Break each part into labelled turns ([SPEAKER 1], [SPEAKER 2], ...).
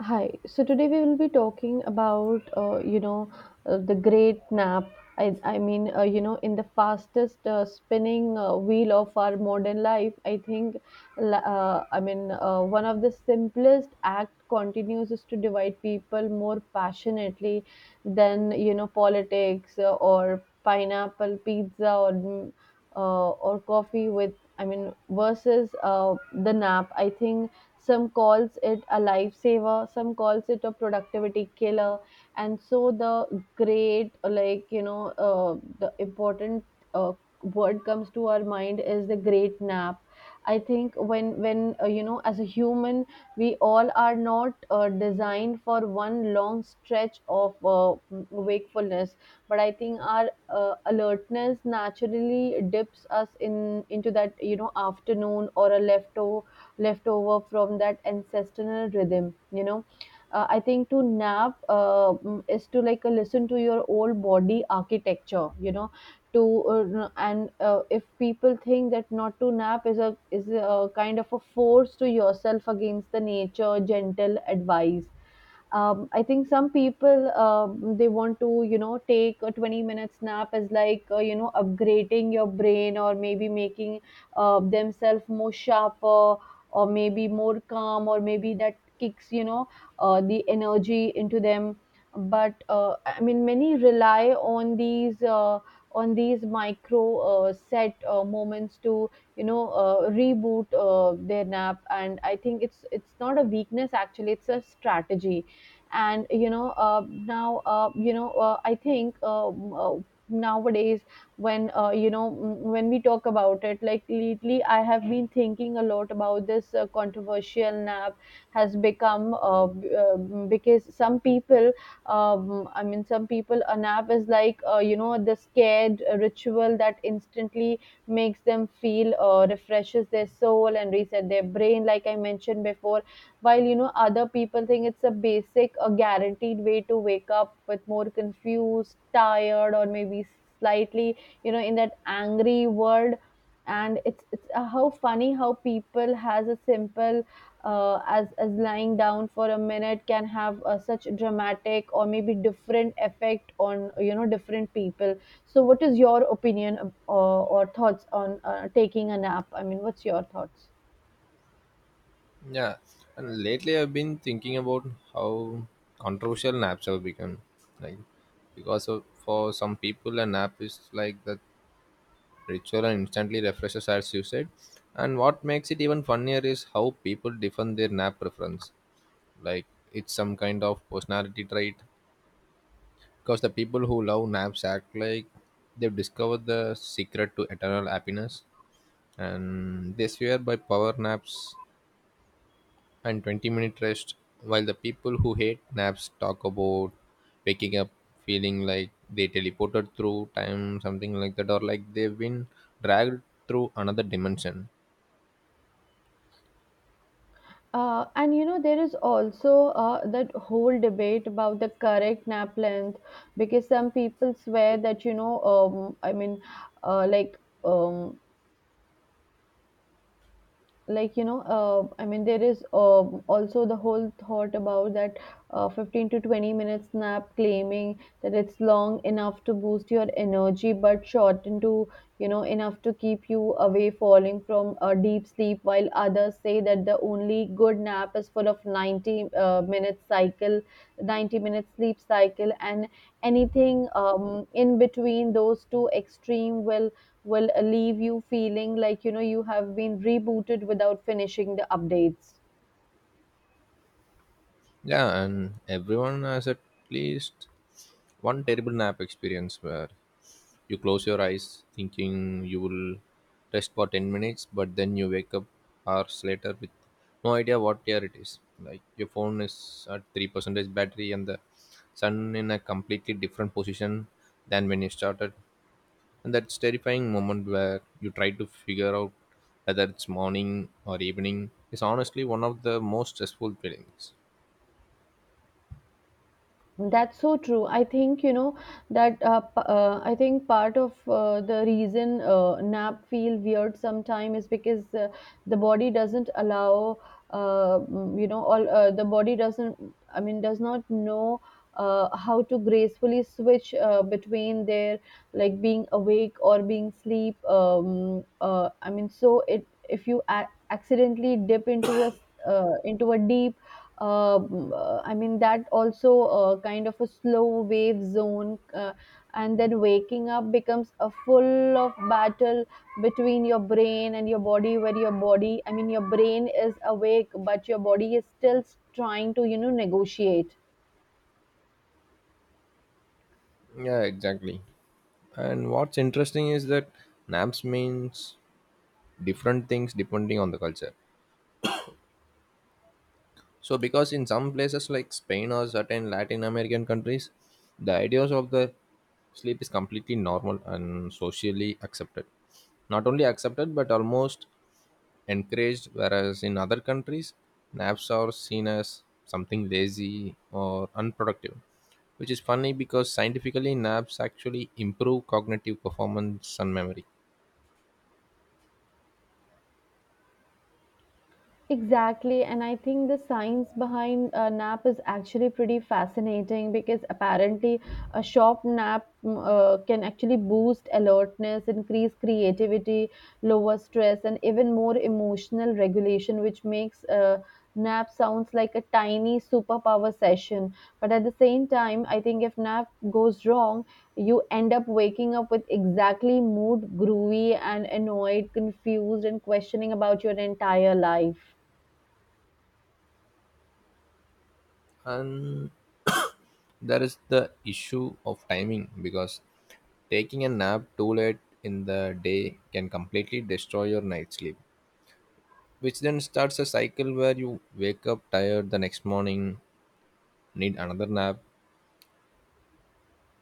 [SPEAKER 1] Hi. So today we will be talking about, the great nap. In the fastest spinning wheel of our modern life, I think, one of the simplest act continues is to divide people more passionately than, you know, politics or pineapple pizza or coffee with, I mean, versus the nap. I think some calls it a lifesaver, some calls it a productivity killer, and so the great, like you know, the important uh, word comes to our mind is the great nap. I think when you know, as a human, we all are not designed for one long stretch of wakefulness, but I think our alertness naturally dips us in into that, you know, afternoon, or a leftover left over from that ancestral rhythm, you know. I think to nap is to like listen to your old body architecture, you know. To and If people think that not to nap is a kind of a force to yourself against the nature gentle advice. I think some people, they want to, you know, take a 20 minutes nap as like, you know, upgrading your brain, or maybe making themselves more sharper, or maybe more calm, or maybe that kicks, you know, the energy into them. But I mean, many rely on these micro set moments to, you know, reboot their nap, and I think it's not a weakness, actually, it's a strategy. And you know, I think, uh, nowadays, when, you know, when we talk about it, like lately I have been thinking a lot about this controversial nap has become because some people, some people, a nap is like, you know, the scared ritual that instantly makes them feel, refreshes their soul and reset their brain like I mentioned before, while, you know, other people think it's a basic a guaranteed way to wake up with more confused tired, or maybe slightly, you know, in that angry world. And it's how funny how people has a simple as lying down for a minute can have such dramatic or maybe different effect on, you know, different people. So what is your opinion or thoughts on taking a nap? I mean, what's your thoughts?
[SPEAKER 2] Yeah, and lately I've been thinking about how controversial naps have become. Like, because of, for some people, a nap is like the ritual and instantly refreshes, as you said. And what makes it even funnier is how people defend their nap preference. Like, it's some kind of personality trait. Because the people who love naps act like they've discovered the secret to eternal happiness. And they swear by power naps and 20-minute rest, while the people who hate naps talk about waking up feeling like they teleported through time, something like that, or like they've been dragged through another dimension.
[SPEAKER 1] And you know, there is also that whole debate about the correct nap length, because some people swear that, you know, I mean, uh, like, um, like you know I mean there is also the whole thought about that 15 to 20 minutes nap, claiming that it's long enough to boost your energy but short into, you know, enough to keep you away falling from a deep sleep, while others say that the only good nap is full of 90-minute sleep cycle, and anything in between those two extreme will leave you feeling like, you know, you have been rebooted without finishing the updates.
[SPEAKER 2] Yeah, and everyone has at least one terrible nap experience where you close your eyes thinking you will rest for 10 minutes, but then you wake up hours later with no idea what year it is. Like your phone is at 3% battery and the sun in a completely different position than when you started. And that's terrifying moment where you try to figure out whether it's morning or evening is honestly one of the most stressful feelings.
[SPEAKER 1] That's so true. I think, you know, that I think part of the reason nap feel weird sometime is because the body doesn't allow, you know, all the body doesn't, I mean, does not know how to gracefully switch between their like being awake or being sleep. So it, if you accidentally dip into into a deep, that also kind of a slow wave zone, and then waking up becomes a full of battle between your brain and your body, where your body, I mean, your brain is awake, but your body is still trying to, you know, negotiate.
[SPEAKER 2] Yeah, exactly. And what's interesting is that naps means different things depending on the culture, so because in some places like Spain or certain Latin American countries, the ideas of the sleep is completely normal and socially accepted, not only accepted but almost encouraged, whereas in other countries naps are seen as something lazy or unproductive, which is funny because scientifically naps actually improve cognitive performance and memory.
[SPEAKER 1] Exactly, and I think the science behind a nap is actually pretty fascinating because apparently a short nap, can actually boost alertness, increase creativity, lower stress, and even more emotional regulation, which makes a nap sounds like a tiny superpower session. But at the same time, I think if nap goes wrong, you end up waking up with exactly mood groovy and annoyed, confused, and questioning about your entire life.
[SPEAKER 2] And there is the issue of timing, because taking a nap too late in the day can completely destroy your night sleep, which then starts a cycle where you wake up tired the next morning, need another nap,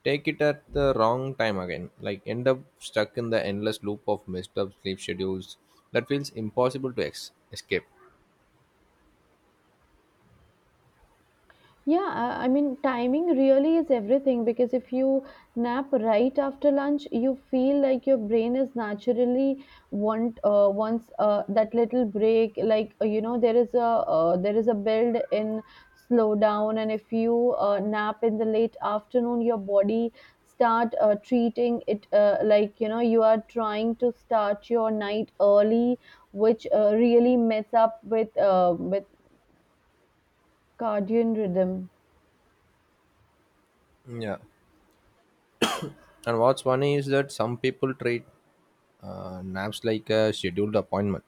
[SPEAKER 2] take it at the wrong time again, like end up stuck in the endless loop of messed up sleep schedules that feels impossible to escape.
[SPEAKER 1] Yeah, timing really is everything because if you nap right after lunch, you feel like your brain is naturally wants that little break. Like you know, there is a build in slowdown, and if you nap in the late afternoon, your body start treating it like, you know, you are trying to start your night early, which really mess up with cardian rhythm.
[SPEAKER 2] Yeah. And what's funny is that some people treat naps like a scheduled appointment.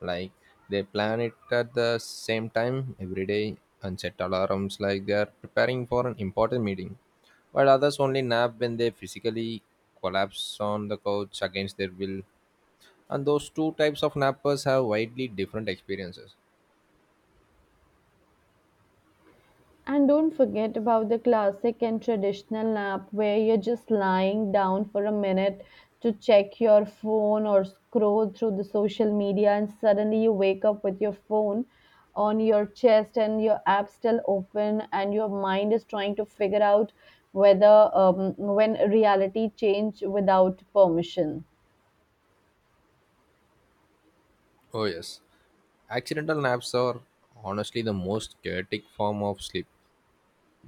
[SPEAKER 2] Like, they plan it at the same time every day and set alarms like they are preparing for an important meeting. While others only nap when they physically collapse on the couch against their will. And those two types of nappers have widely different experiences.
[SPEAKER 1] And don't forget about the classic and traditional nap where you're just lying down for a minute to check your phone or scroll through the social media, and suddenly you wake up with your phone on your chest and your app still open, and your mind is trying to figure out whether, when reality changed without permission.
[SPEAKER 2] Oh, yes. Accidental naps are honestly the most chaotic form of sleep,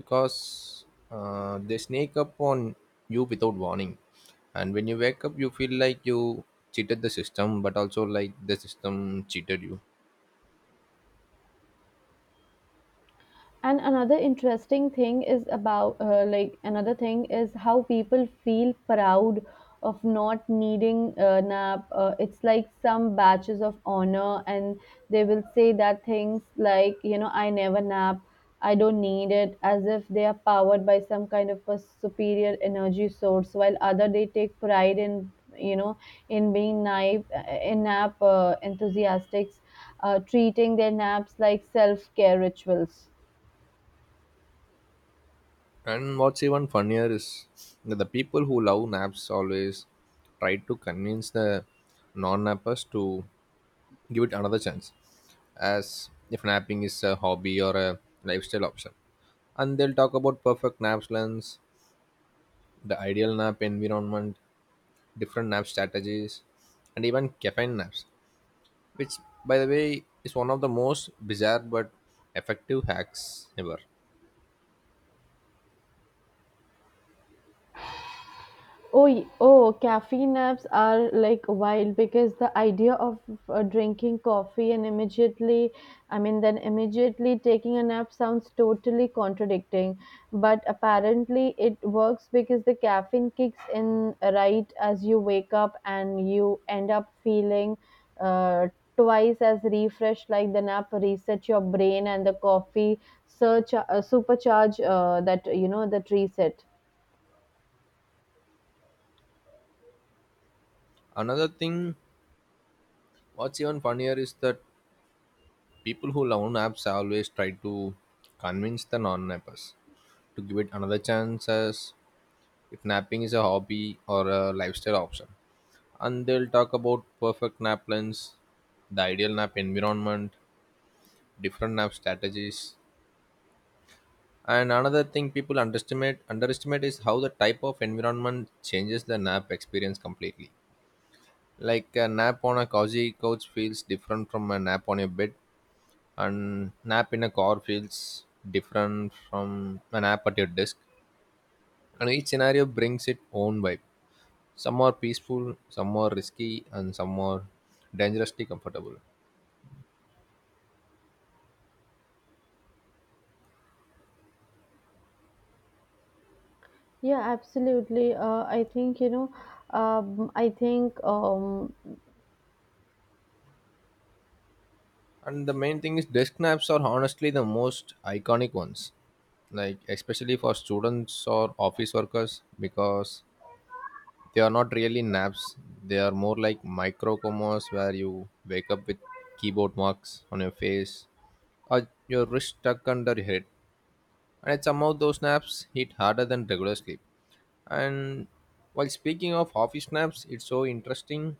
[SPEAKER 2] because they sneak up on you without warning, and when you wake up you feel like you cheated the system but also like the system cheated you.
[SPEAKER 1] And another interesting thing is about another thing is how people feel proud of not needing a nap. It's like some batches of honor, and they will say that things like, you know, I never nap, I don't need it, as if they are powered by some kind of a superior energy source, while other they take pride in, you know, in being nap, in nap enthusiastics, treating their naps like self care rituals.
[SPEAKER 2] And what's even funnier is that the people who love naps always try to convince the non-nappers to give it another chance, as if napping is a hobby or a lifestyle option. And they'll talk about perfect nap plans, the ideal nap environment, different nap strategies, and even caffeine naps, which, by the way, is one of the most bizarre but effective hacks ever.
[SPEAKER 1] Oh, caffeine naps are like wild because the idea of drinking coffee and immediately, I mean, then immediately taking a nap sounds totally contradicting. But apparently, it works because the caffeine kicks in right as you wake up and you end up feeling uh, twice as refreshed, like the nap resets your brain and the coffee supercharge that, you know, that reset.
[SPEAKER 2] Another thing, what's even funnier is that people who love naps always try to convince the non nappers to give it another chance as if napping is a hobby or a lifestyle option. And they'll talk about perfect nap plans, the ideal nap environment, different nap strategies. And another thing people underestimate is how the type of environment changes the nap experience completely. Like a nap on a cozy couch feels different from a nap on your bed, and nap in a car feels different from a nap at your desk. And each scenario brings its own vibe. Some are peaceful, some are risky, and some are dangerously comfortable.
[SPEAKER 1] Yeah, absolutely. I think, you know, I think,
[SPEAKER 2] And the main thing is desk naps are honestly the most iconic ones. Like especially for students or office workers, because they are not really naps. They are more like micro comas where you wake up with keyboard marks on your face or your wrist stuck under your head. And somehow those naps hit harder than regular sleep. And while speaking of office naps, it's so interesting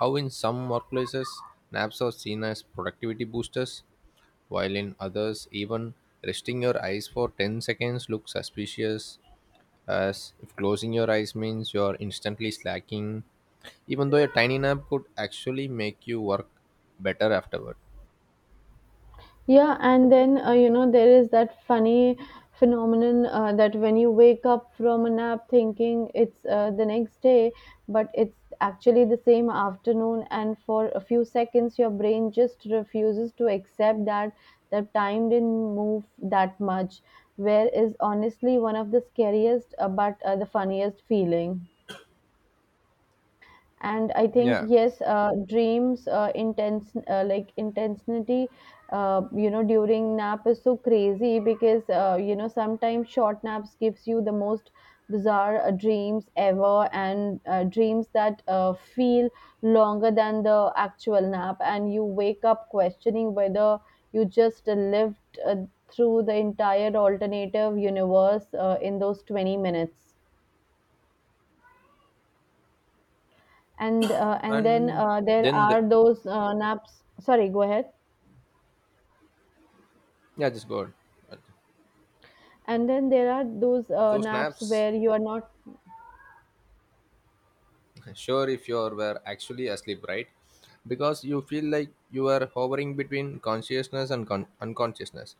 [SPEAKER 2] how in some workplaces naps are seen as productivity boosters, while in others, even resting your eyes for 10 seconds looks suspicious, as if closing your eyes means you're instantly slacking, even though a tiny nap could actually make you work better afterward.
[SPEAKER 1] Yeah, and then, you know, there is that funny phenomenon that when you wake up from a nap thinking it's the next day, but it's actually the same afternoon, and for a few seconds, your brain just refuses to accept that the time didn't move that much, where is honestly one of the scariest, but the funniest feeling. And I think
[SPEAKER 2] Yeah,
[SPEAKER 1] yes, dreams intense like intensity you know, during nap is so crazy because, you know, sometimes short naps gives you the most bizarre dreams ever, and dreams that feel longer than the actual nap, and you wake up questioning whether you just lived through the entire alternative universe in those 20 minutes. and uh, and then
[SPEAKER 2] and
[SPEAKER 1] uh, there
[SPEAKER 2] then the,
[SPEAKER 1] are those naps, sorry, go ahead.
[SPEAKER 2] yeah, just go on.
[SPEAKER 1] And then there are those
[SPEAKER 2] Those
[SPEAKER 1] naps
[SPEAKER 2] naps,
[SPEAKER 1] where you are not.
[SPEAKER 2] sure, if you were actually asleep, right? Because you feel like you are hovering between consciousness and unconsciousness,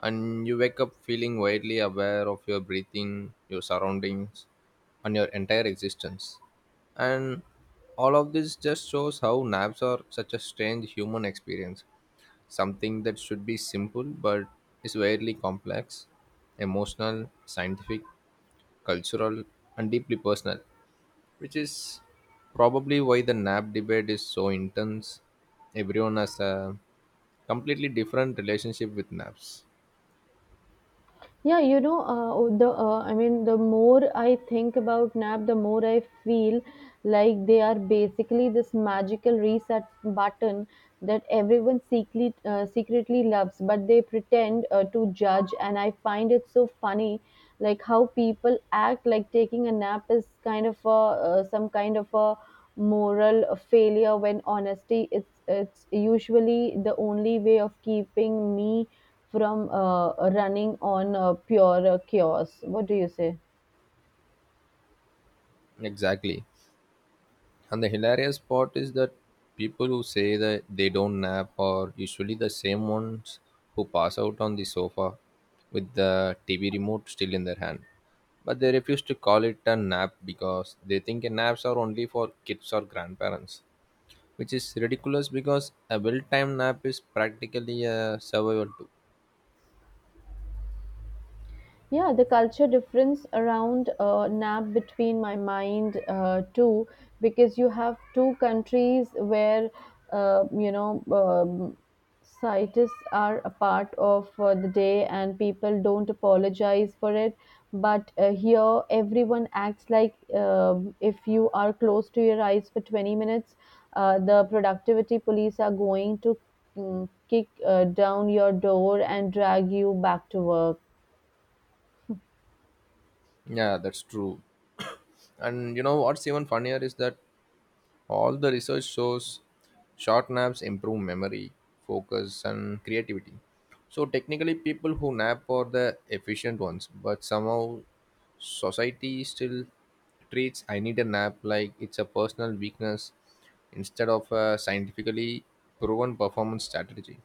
[SPEAKER 2] and you wake up feeling widely aware of your breathing, your surroundings, and your entire existence. And all of this just shows how naps are such a strange human experience, something that should be simple but is weirdly complex, emotional, scientific, cultural, and deeply personal, which is probably why the nap debate is so intense. Everyone has a completely different relationship with naps.
[SPEAKER 1] Yeah, you know, the more I think about nap, the more I feel like they are basically this magical reset button that everyone secretly loves but they pretend to judge, and I find it so funny, like how people act like taking a nap is kind of a some kind of a moral failure when honesty it's usually the only way of keeping me from running on pure chaos. What do you say?
[SPEAKER 2] Exactly. And the hilarious part is that people who say that they don't nap are usually the same ones who pass out on the sofa with the TV remote still in their hand. But they refuse to call it a nap because they think naps are only for kids or grandparents, which is ridiculous because a well-timed nap is practically a survival too.
[SPEAKER 1] Yeah, the culture difference around nap between my mind too, because you have two countries where uh, you know um, scientists are a part of the day and people don't apologize for it. But here, everyone acts like, if you are close to your eyes for 20 minutes, the productivity police are going to kick down your door and drag you back to work.
[SPEAKER 2] Yeah, that's true. And you know what's even funnier is that all the research shows short naps improve memory, focus, and creativity. So technically, people who nap are the efficient ones, but somehow society still treats I need a nap like it's a personal weakness instead of a scientifically proven performance strategy.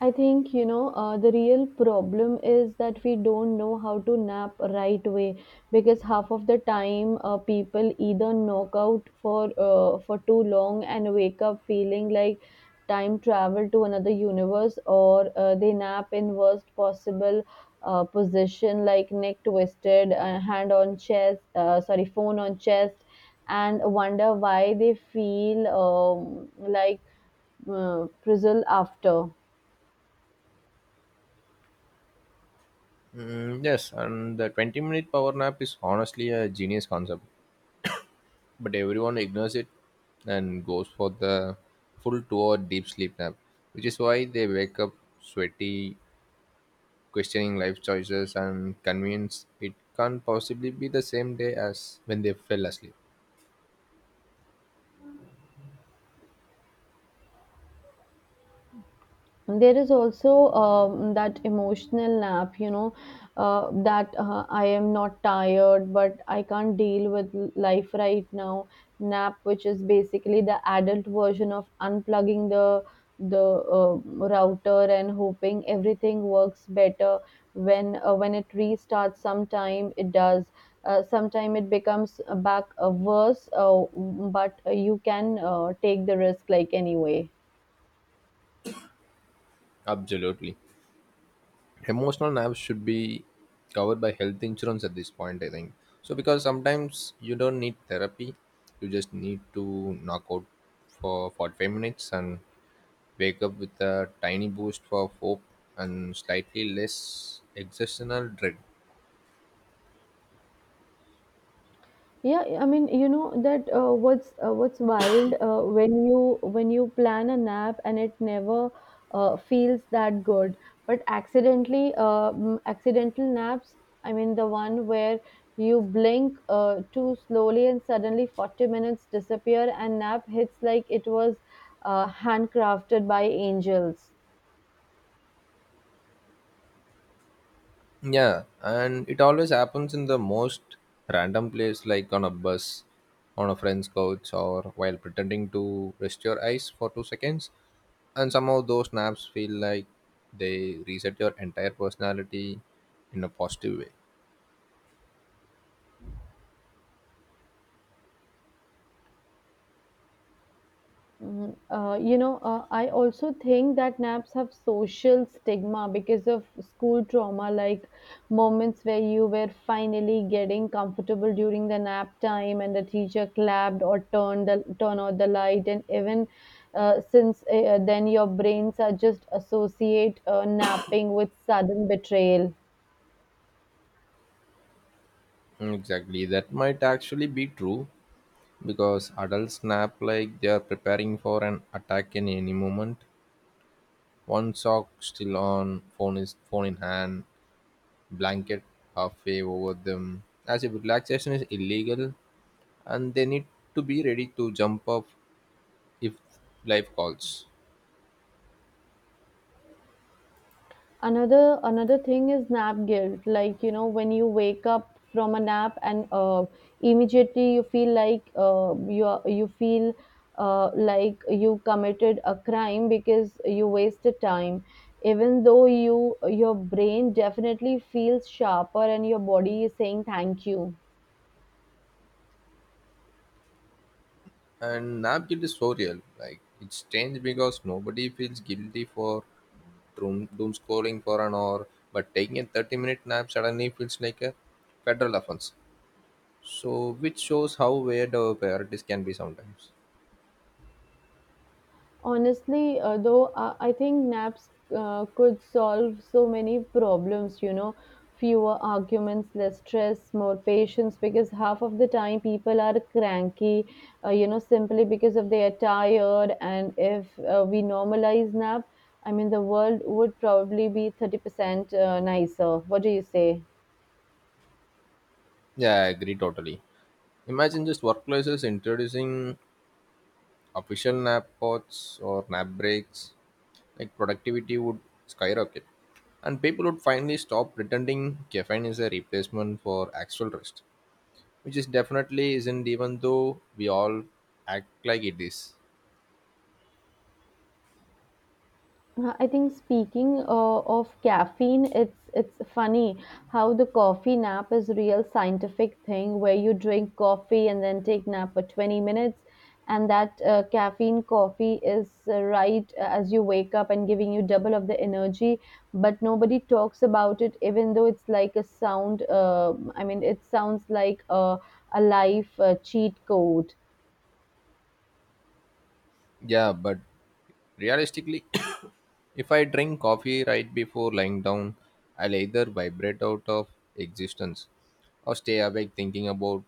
[SPEAKER 1] I think you know the real problem is that we don't know how to nap right way, because half of the time people either knock out for too long and wake up feeling like time travel to another universe, or they nap in worst possible position, like neck twisted, hand on chest sorry phone on chest, and wonder why they feel, like frizzle after.
[SPEAKER 2] Mm, yes, and the 20-minute power nap is honestly a genius concept, but everyone ignores it and goes for the full 2 hour deep sleep nap, which is why they wake up sweaty, questioning life choices, and convinced it can't possibly be the same day as when they fell asleep.
[SPEAKER 1] There is also that emotional nap. That I am not tired but I can't deal with life right now nap, which is basically the adult version of unplugging the router and hoping everything works better when it restarts. Sometime it does, sometime it becomes back worse, but you can take the risk, like, anyway.
[SPEAKER 2] Absolutely. Emotional naps should be covered by health insurance at this point, I think. So, because sometimes you don't need therapy, you just need to knock out for 45 minutes and wake up with a tiny boost of hope and slightly less existential dread.
[SPEAKER 1] Yeah, I mean, you know that what's wild when you plan a nap and it never feels that good. But accidentally, accidental naps. I mean, the one where you blink too slowly and suddenly 40 minutes disappear, and nap hits like it was handcrafted by angels.
[SPEAKER 2] Yeah, and it always happens in the most random place, like on a bus, on a friend's couch, or while pretending to rest your eyes for 2 seconds. And somehow those naps feel like they reset your entire personality in a positive way.
[SPEAKER 1] You know, I also think that naps have social stigma because of school trauma, like moments where you were finally getting comfortable during the nap time and the teacher clapped or turned the turn out the light, and even since then your brains are just associate napping with sudden betrayal.
[SPEAKER 2] Mm, exactly, that might actually be true, because adults nap like they are preparing for an attack in any moment. One sock still on, phone is phone in hand, blanket halfway over them. As if relaxation is illegal and they need to be ready to jump up if life calls.
[SPEAKER 1] Another thing is nap guilt, like, you know, when you wake up from a nap and immediately you feel like you committed a crime because you wasted time, even though your brain definitely feels sharper and your body is saying thank you.
[SPEAKER 2] And nap guilt is so real. Like it's strange because nobody feels guilty for doom scrolling for an hour, but taking a 30-minute nap suddenly feels like a federal offense. So which shows how weird our priorities can be sometimes.
[SPEAKER 1] Honestly, though, I think naps could solve so many problems, you know, fewer arguments, less stress, more patience, because half of the time people are cranky, you know, simply because of they are tired. And if we normalize nap, I mean, the world would probably be 30% nicer. What do you say?
[SPEAKER 2] Yeah, I agree totally. Imagine just workplaces introducing official nap pods or nap breaks. Like productivity would skyrocket. And people would finally stop pretending caffeine is a replacement for actual rest. Which is definitely isn't, even though we all act like it is.
[SPEAKER 1] I think, speaking of caffeine, it's funny how the coffee nap is a real scientific thing, where you drink coffee and then take nap for 20 minutes, and that caffeine coffee is right as you wake up and giving you double of the energy, but nobody talks about it, even though it's like a sound. I mean, it sounds like a life cheat code.
[SPEAKER 2] Yeah, but realistically, if I drink coffee right before lying down, I'll either vibrate out of existence or stay awake thinking about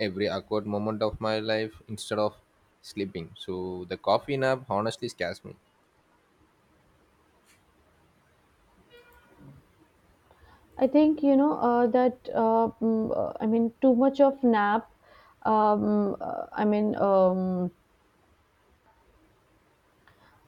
[SPEAKER 2] every awkward moment of my life instead of sleeping. So the coffee nap honestly scares me.
[SPEAKER 1] I think, you know, I mean, too much of nap. I mean, um,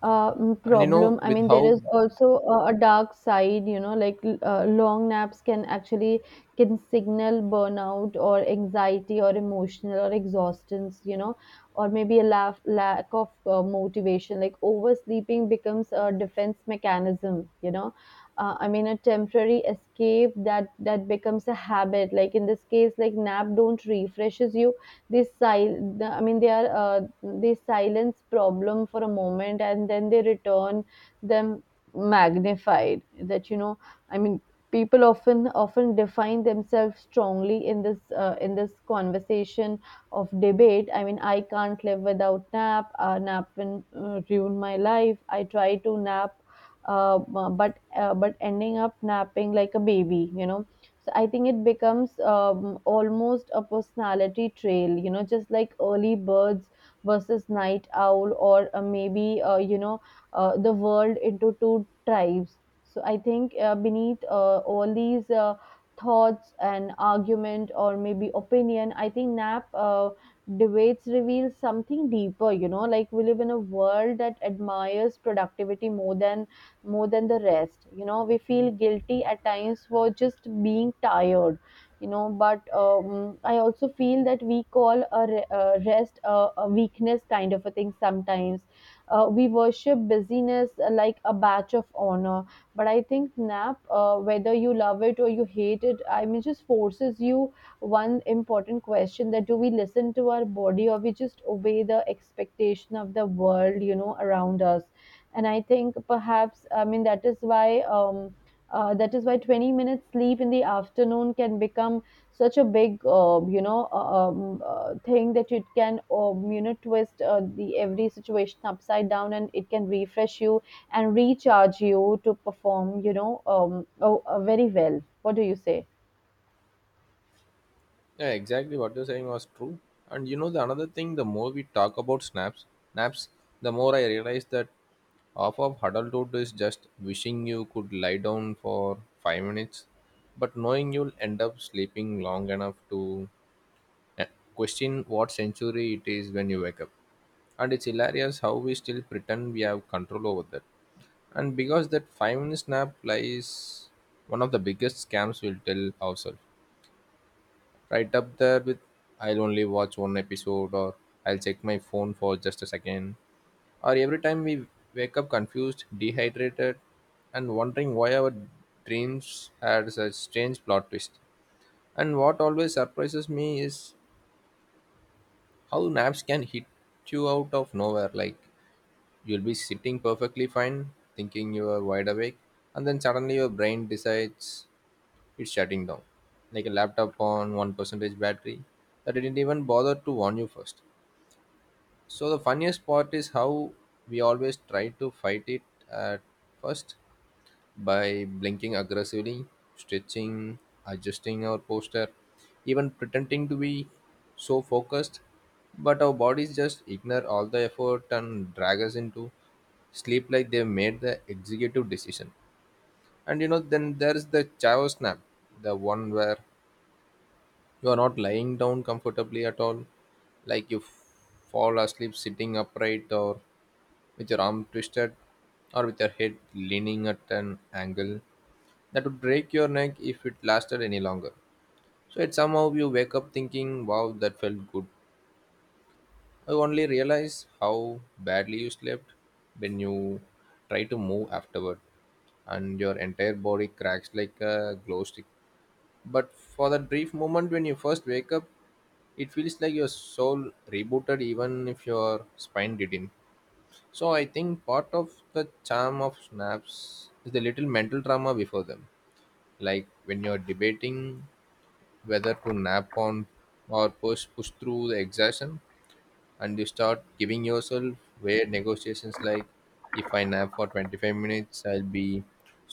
[SPEAKER 1] uh, mm,
[SPEAKER 2] And you know,
[SPEAKER 1] problem. I
[SPEAKER 2] with
[SPEAKER 1] mean, there
[SPEAKER 2] how
[SPEAKER 1] is also a dark side, you know, like, long naps can actually can signal burnout or anxiety or emotional or exhaustion, you know, or maybe a laugh, lack of motivation. Like oversleeping becomes a defense mechanism, you know. I mean, a temporary escape that becomes a habit. Like in this case, like nap don't refreshes you I mean they are they silence problem for a moment and then they return them magnified, that, you know, I mean, people often define themselves strongly in this conversation of debate. I mean, I can't live without nap, nap will ruin my life. I try to nap, uh, but ending up napping like a baby, you know. So I think it becomes almost a personality trail, you know, just like early birds versus night owl, or maybe you know, the world into two tribes. So I think, beneath all these thoughts and argument or maybe opinion, I think nap debates reveal something deeper, you know, like, we live in a world that admires productivity more than the rest, you know. We feel guilty at times for just being tired, you know, but I also feel that we call a rest a weakness kind of a thing sometimes. We worship busyness like a badge of honor, but I think nap, whether you love it or you hate it, I mean, just forces you one important question, that do we listen to our body or we just obey the expectation of the world, you know, around us. And I think perhaps, I mean, that is why 20 minutes sleep in the afternoon can become such a big thing that it can, you know, twist the every situation upside down, and it can refresh you and recharge you to perform, you know. Oh, Very well, what do you say?
[SPEAKER 2] yeah, exactly what you're saying was true. And you know, the another thing, the more we talk about snaps, naps, the more I realize that half of adulthood is just wishing you could lie down for 5 minutes, but knowing you'll end up sleeping long enough to eh, question what century it is when you wake up. And it's hilarious how we still pretend we have control over that. And because that 5 minute nap lies one of the biggest scams we'll tell ourselves. Right up there with I'll only watch one episode or I'll check my phone for just a second. Or every time we wake up confused, dehydrated, and wondering why our dreams had such strange plot twist. And what always surprises me is how naps can hit you out of nowhere. Like you'll be sitting perfectly fine, thinking you are wide awake, and then suddenly your brain decides it's shutting down like a laptop on 1% battery, that it didn't even bother to warn you first. So the funniest part is how we always try to fight it at first by blinking aggressively, stretching, adjusting our posture, even pretending to be so focused, but our bodies just ignore all the effort and drag us into sleep like they made the executive decision. And you know, then there's the chavo snap, the one where you are not lying down comfortably at all, like you fall asleep sitting upright, or with your arm twisted, or with your head leaning at an angle that would break your neck if it lasted any longer. So it somehow you wake up thinking, wow, that felt good. I only realize how badly you slept when you try to move afterward and your entire body cracks like a glow stick. But for that brief moment when you first wake up, it feels like your soul rebooted even if your spine didn't. So I think part of the charm of snaps is the little mental drama before them. Like when you're debating whether to nap on or push through the exhaustion, and you start giving yourself where negotiations like if I nap for 25 minutes I'll be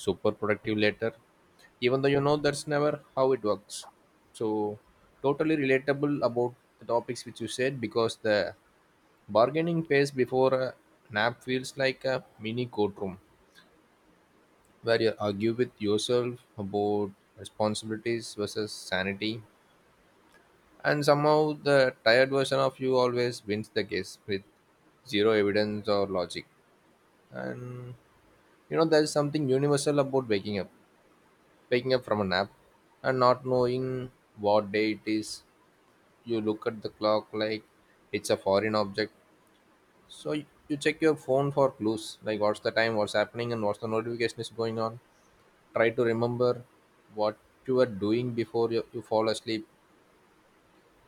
[SPEAKER 2] super productive later, even though you know that's never how it works. So totally relatable about the topics which you said, because the bargaining phase before a nap feels like a mini courtroom where you argue with yourself about responsibilities versus sanity, and somehow the tired version of you always wins the case with zero evidence or logic. And you know, there's something universal about waking up from a nap and not knowing what day it is. You look at the clock like it's a foreign object. So you check your phone for clues like what's the time, what's happening, and what's the notification is going on. Try to remember what you were doing before you fall asleep.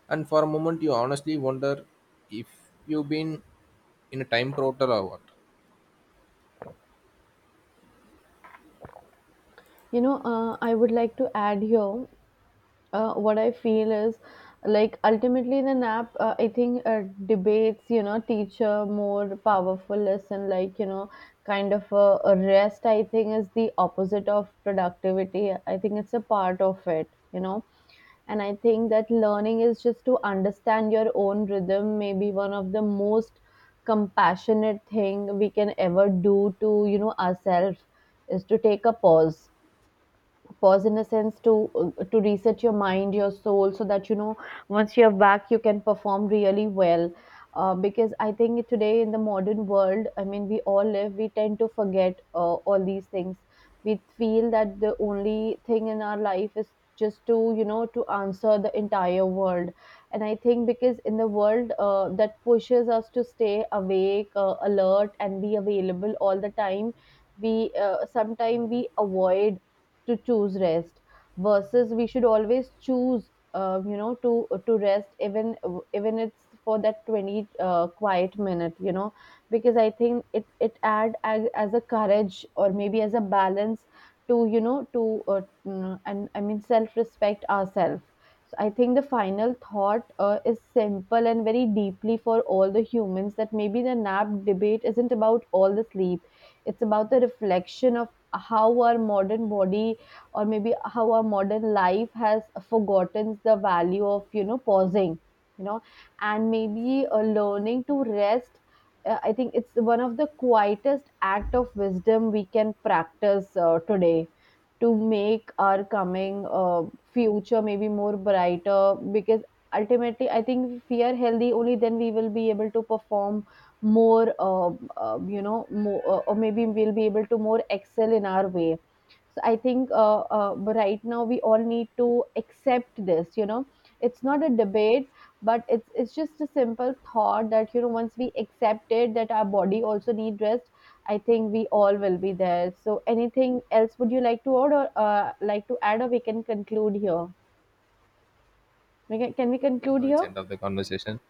[SPEAKER 2] And for a moment, you honestly wonder if you've been in a time portal or what.
[SPEAKER 1] You know, I would like to add here what I feel is, like, ultimately the nap, I think debates, you know, teach a more powerful lesson, like, you know, kind of a rest, I think, is the opposite of productivity. I think it's a part of it, you know. And I think that learning is just to understand your own rhythm, maybe one of the most compassionate thing we can ever do to, you know, ourselves, is to take a pause. Pause in a sense to reset your mind, your soul, so that, you know, once you're back you can perform really well. Because I think today in the modern world, I mean, we all live, we tend to forget all these things. We feel that the only thing in our life is just to, you know, to answer the entire world. And I think because in the world that pushes us to stay awake, alert and be available all the time, we sometimes we avoid to choose rest versus we should always choose, you know, to rest, even even it's for that 20 quiet minute, you know. Because I think it add as a courage or maybe as a balance to, you know, to and I mean self respect ourselves. So I think the final thought is simple and very deeply for all the humans, that maybe the nap debate isn't about all the sleep, it's about the reflection of how our modern body or maybe how our modern life has forgotten the value of, you know, pausing, you know. And maybe learning to rest, I think it's one of the quietest act of wisdom we can practice today, to make our coming future maybe more brighter. Because ultimately I think if we are healthy only then we will be able to perform more, you know, or maybe we'll be able to more excel in our way. So I think, but right now we all need to accept this, you know. It's not a debate, but it's just a simple thought that, you know, once we accept it that our body also need rest, I think we all will be there. So anything else would you like to add, or like to add or we can conclude here? Can we conclude
[SPEAKER 2] No, it's
[SPEAKER 1] here?
[SPEAKER 2] end of the conversation.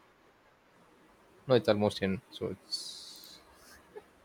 [SPEAKER 2] No, it's almost in. So it's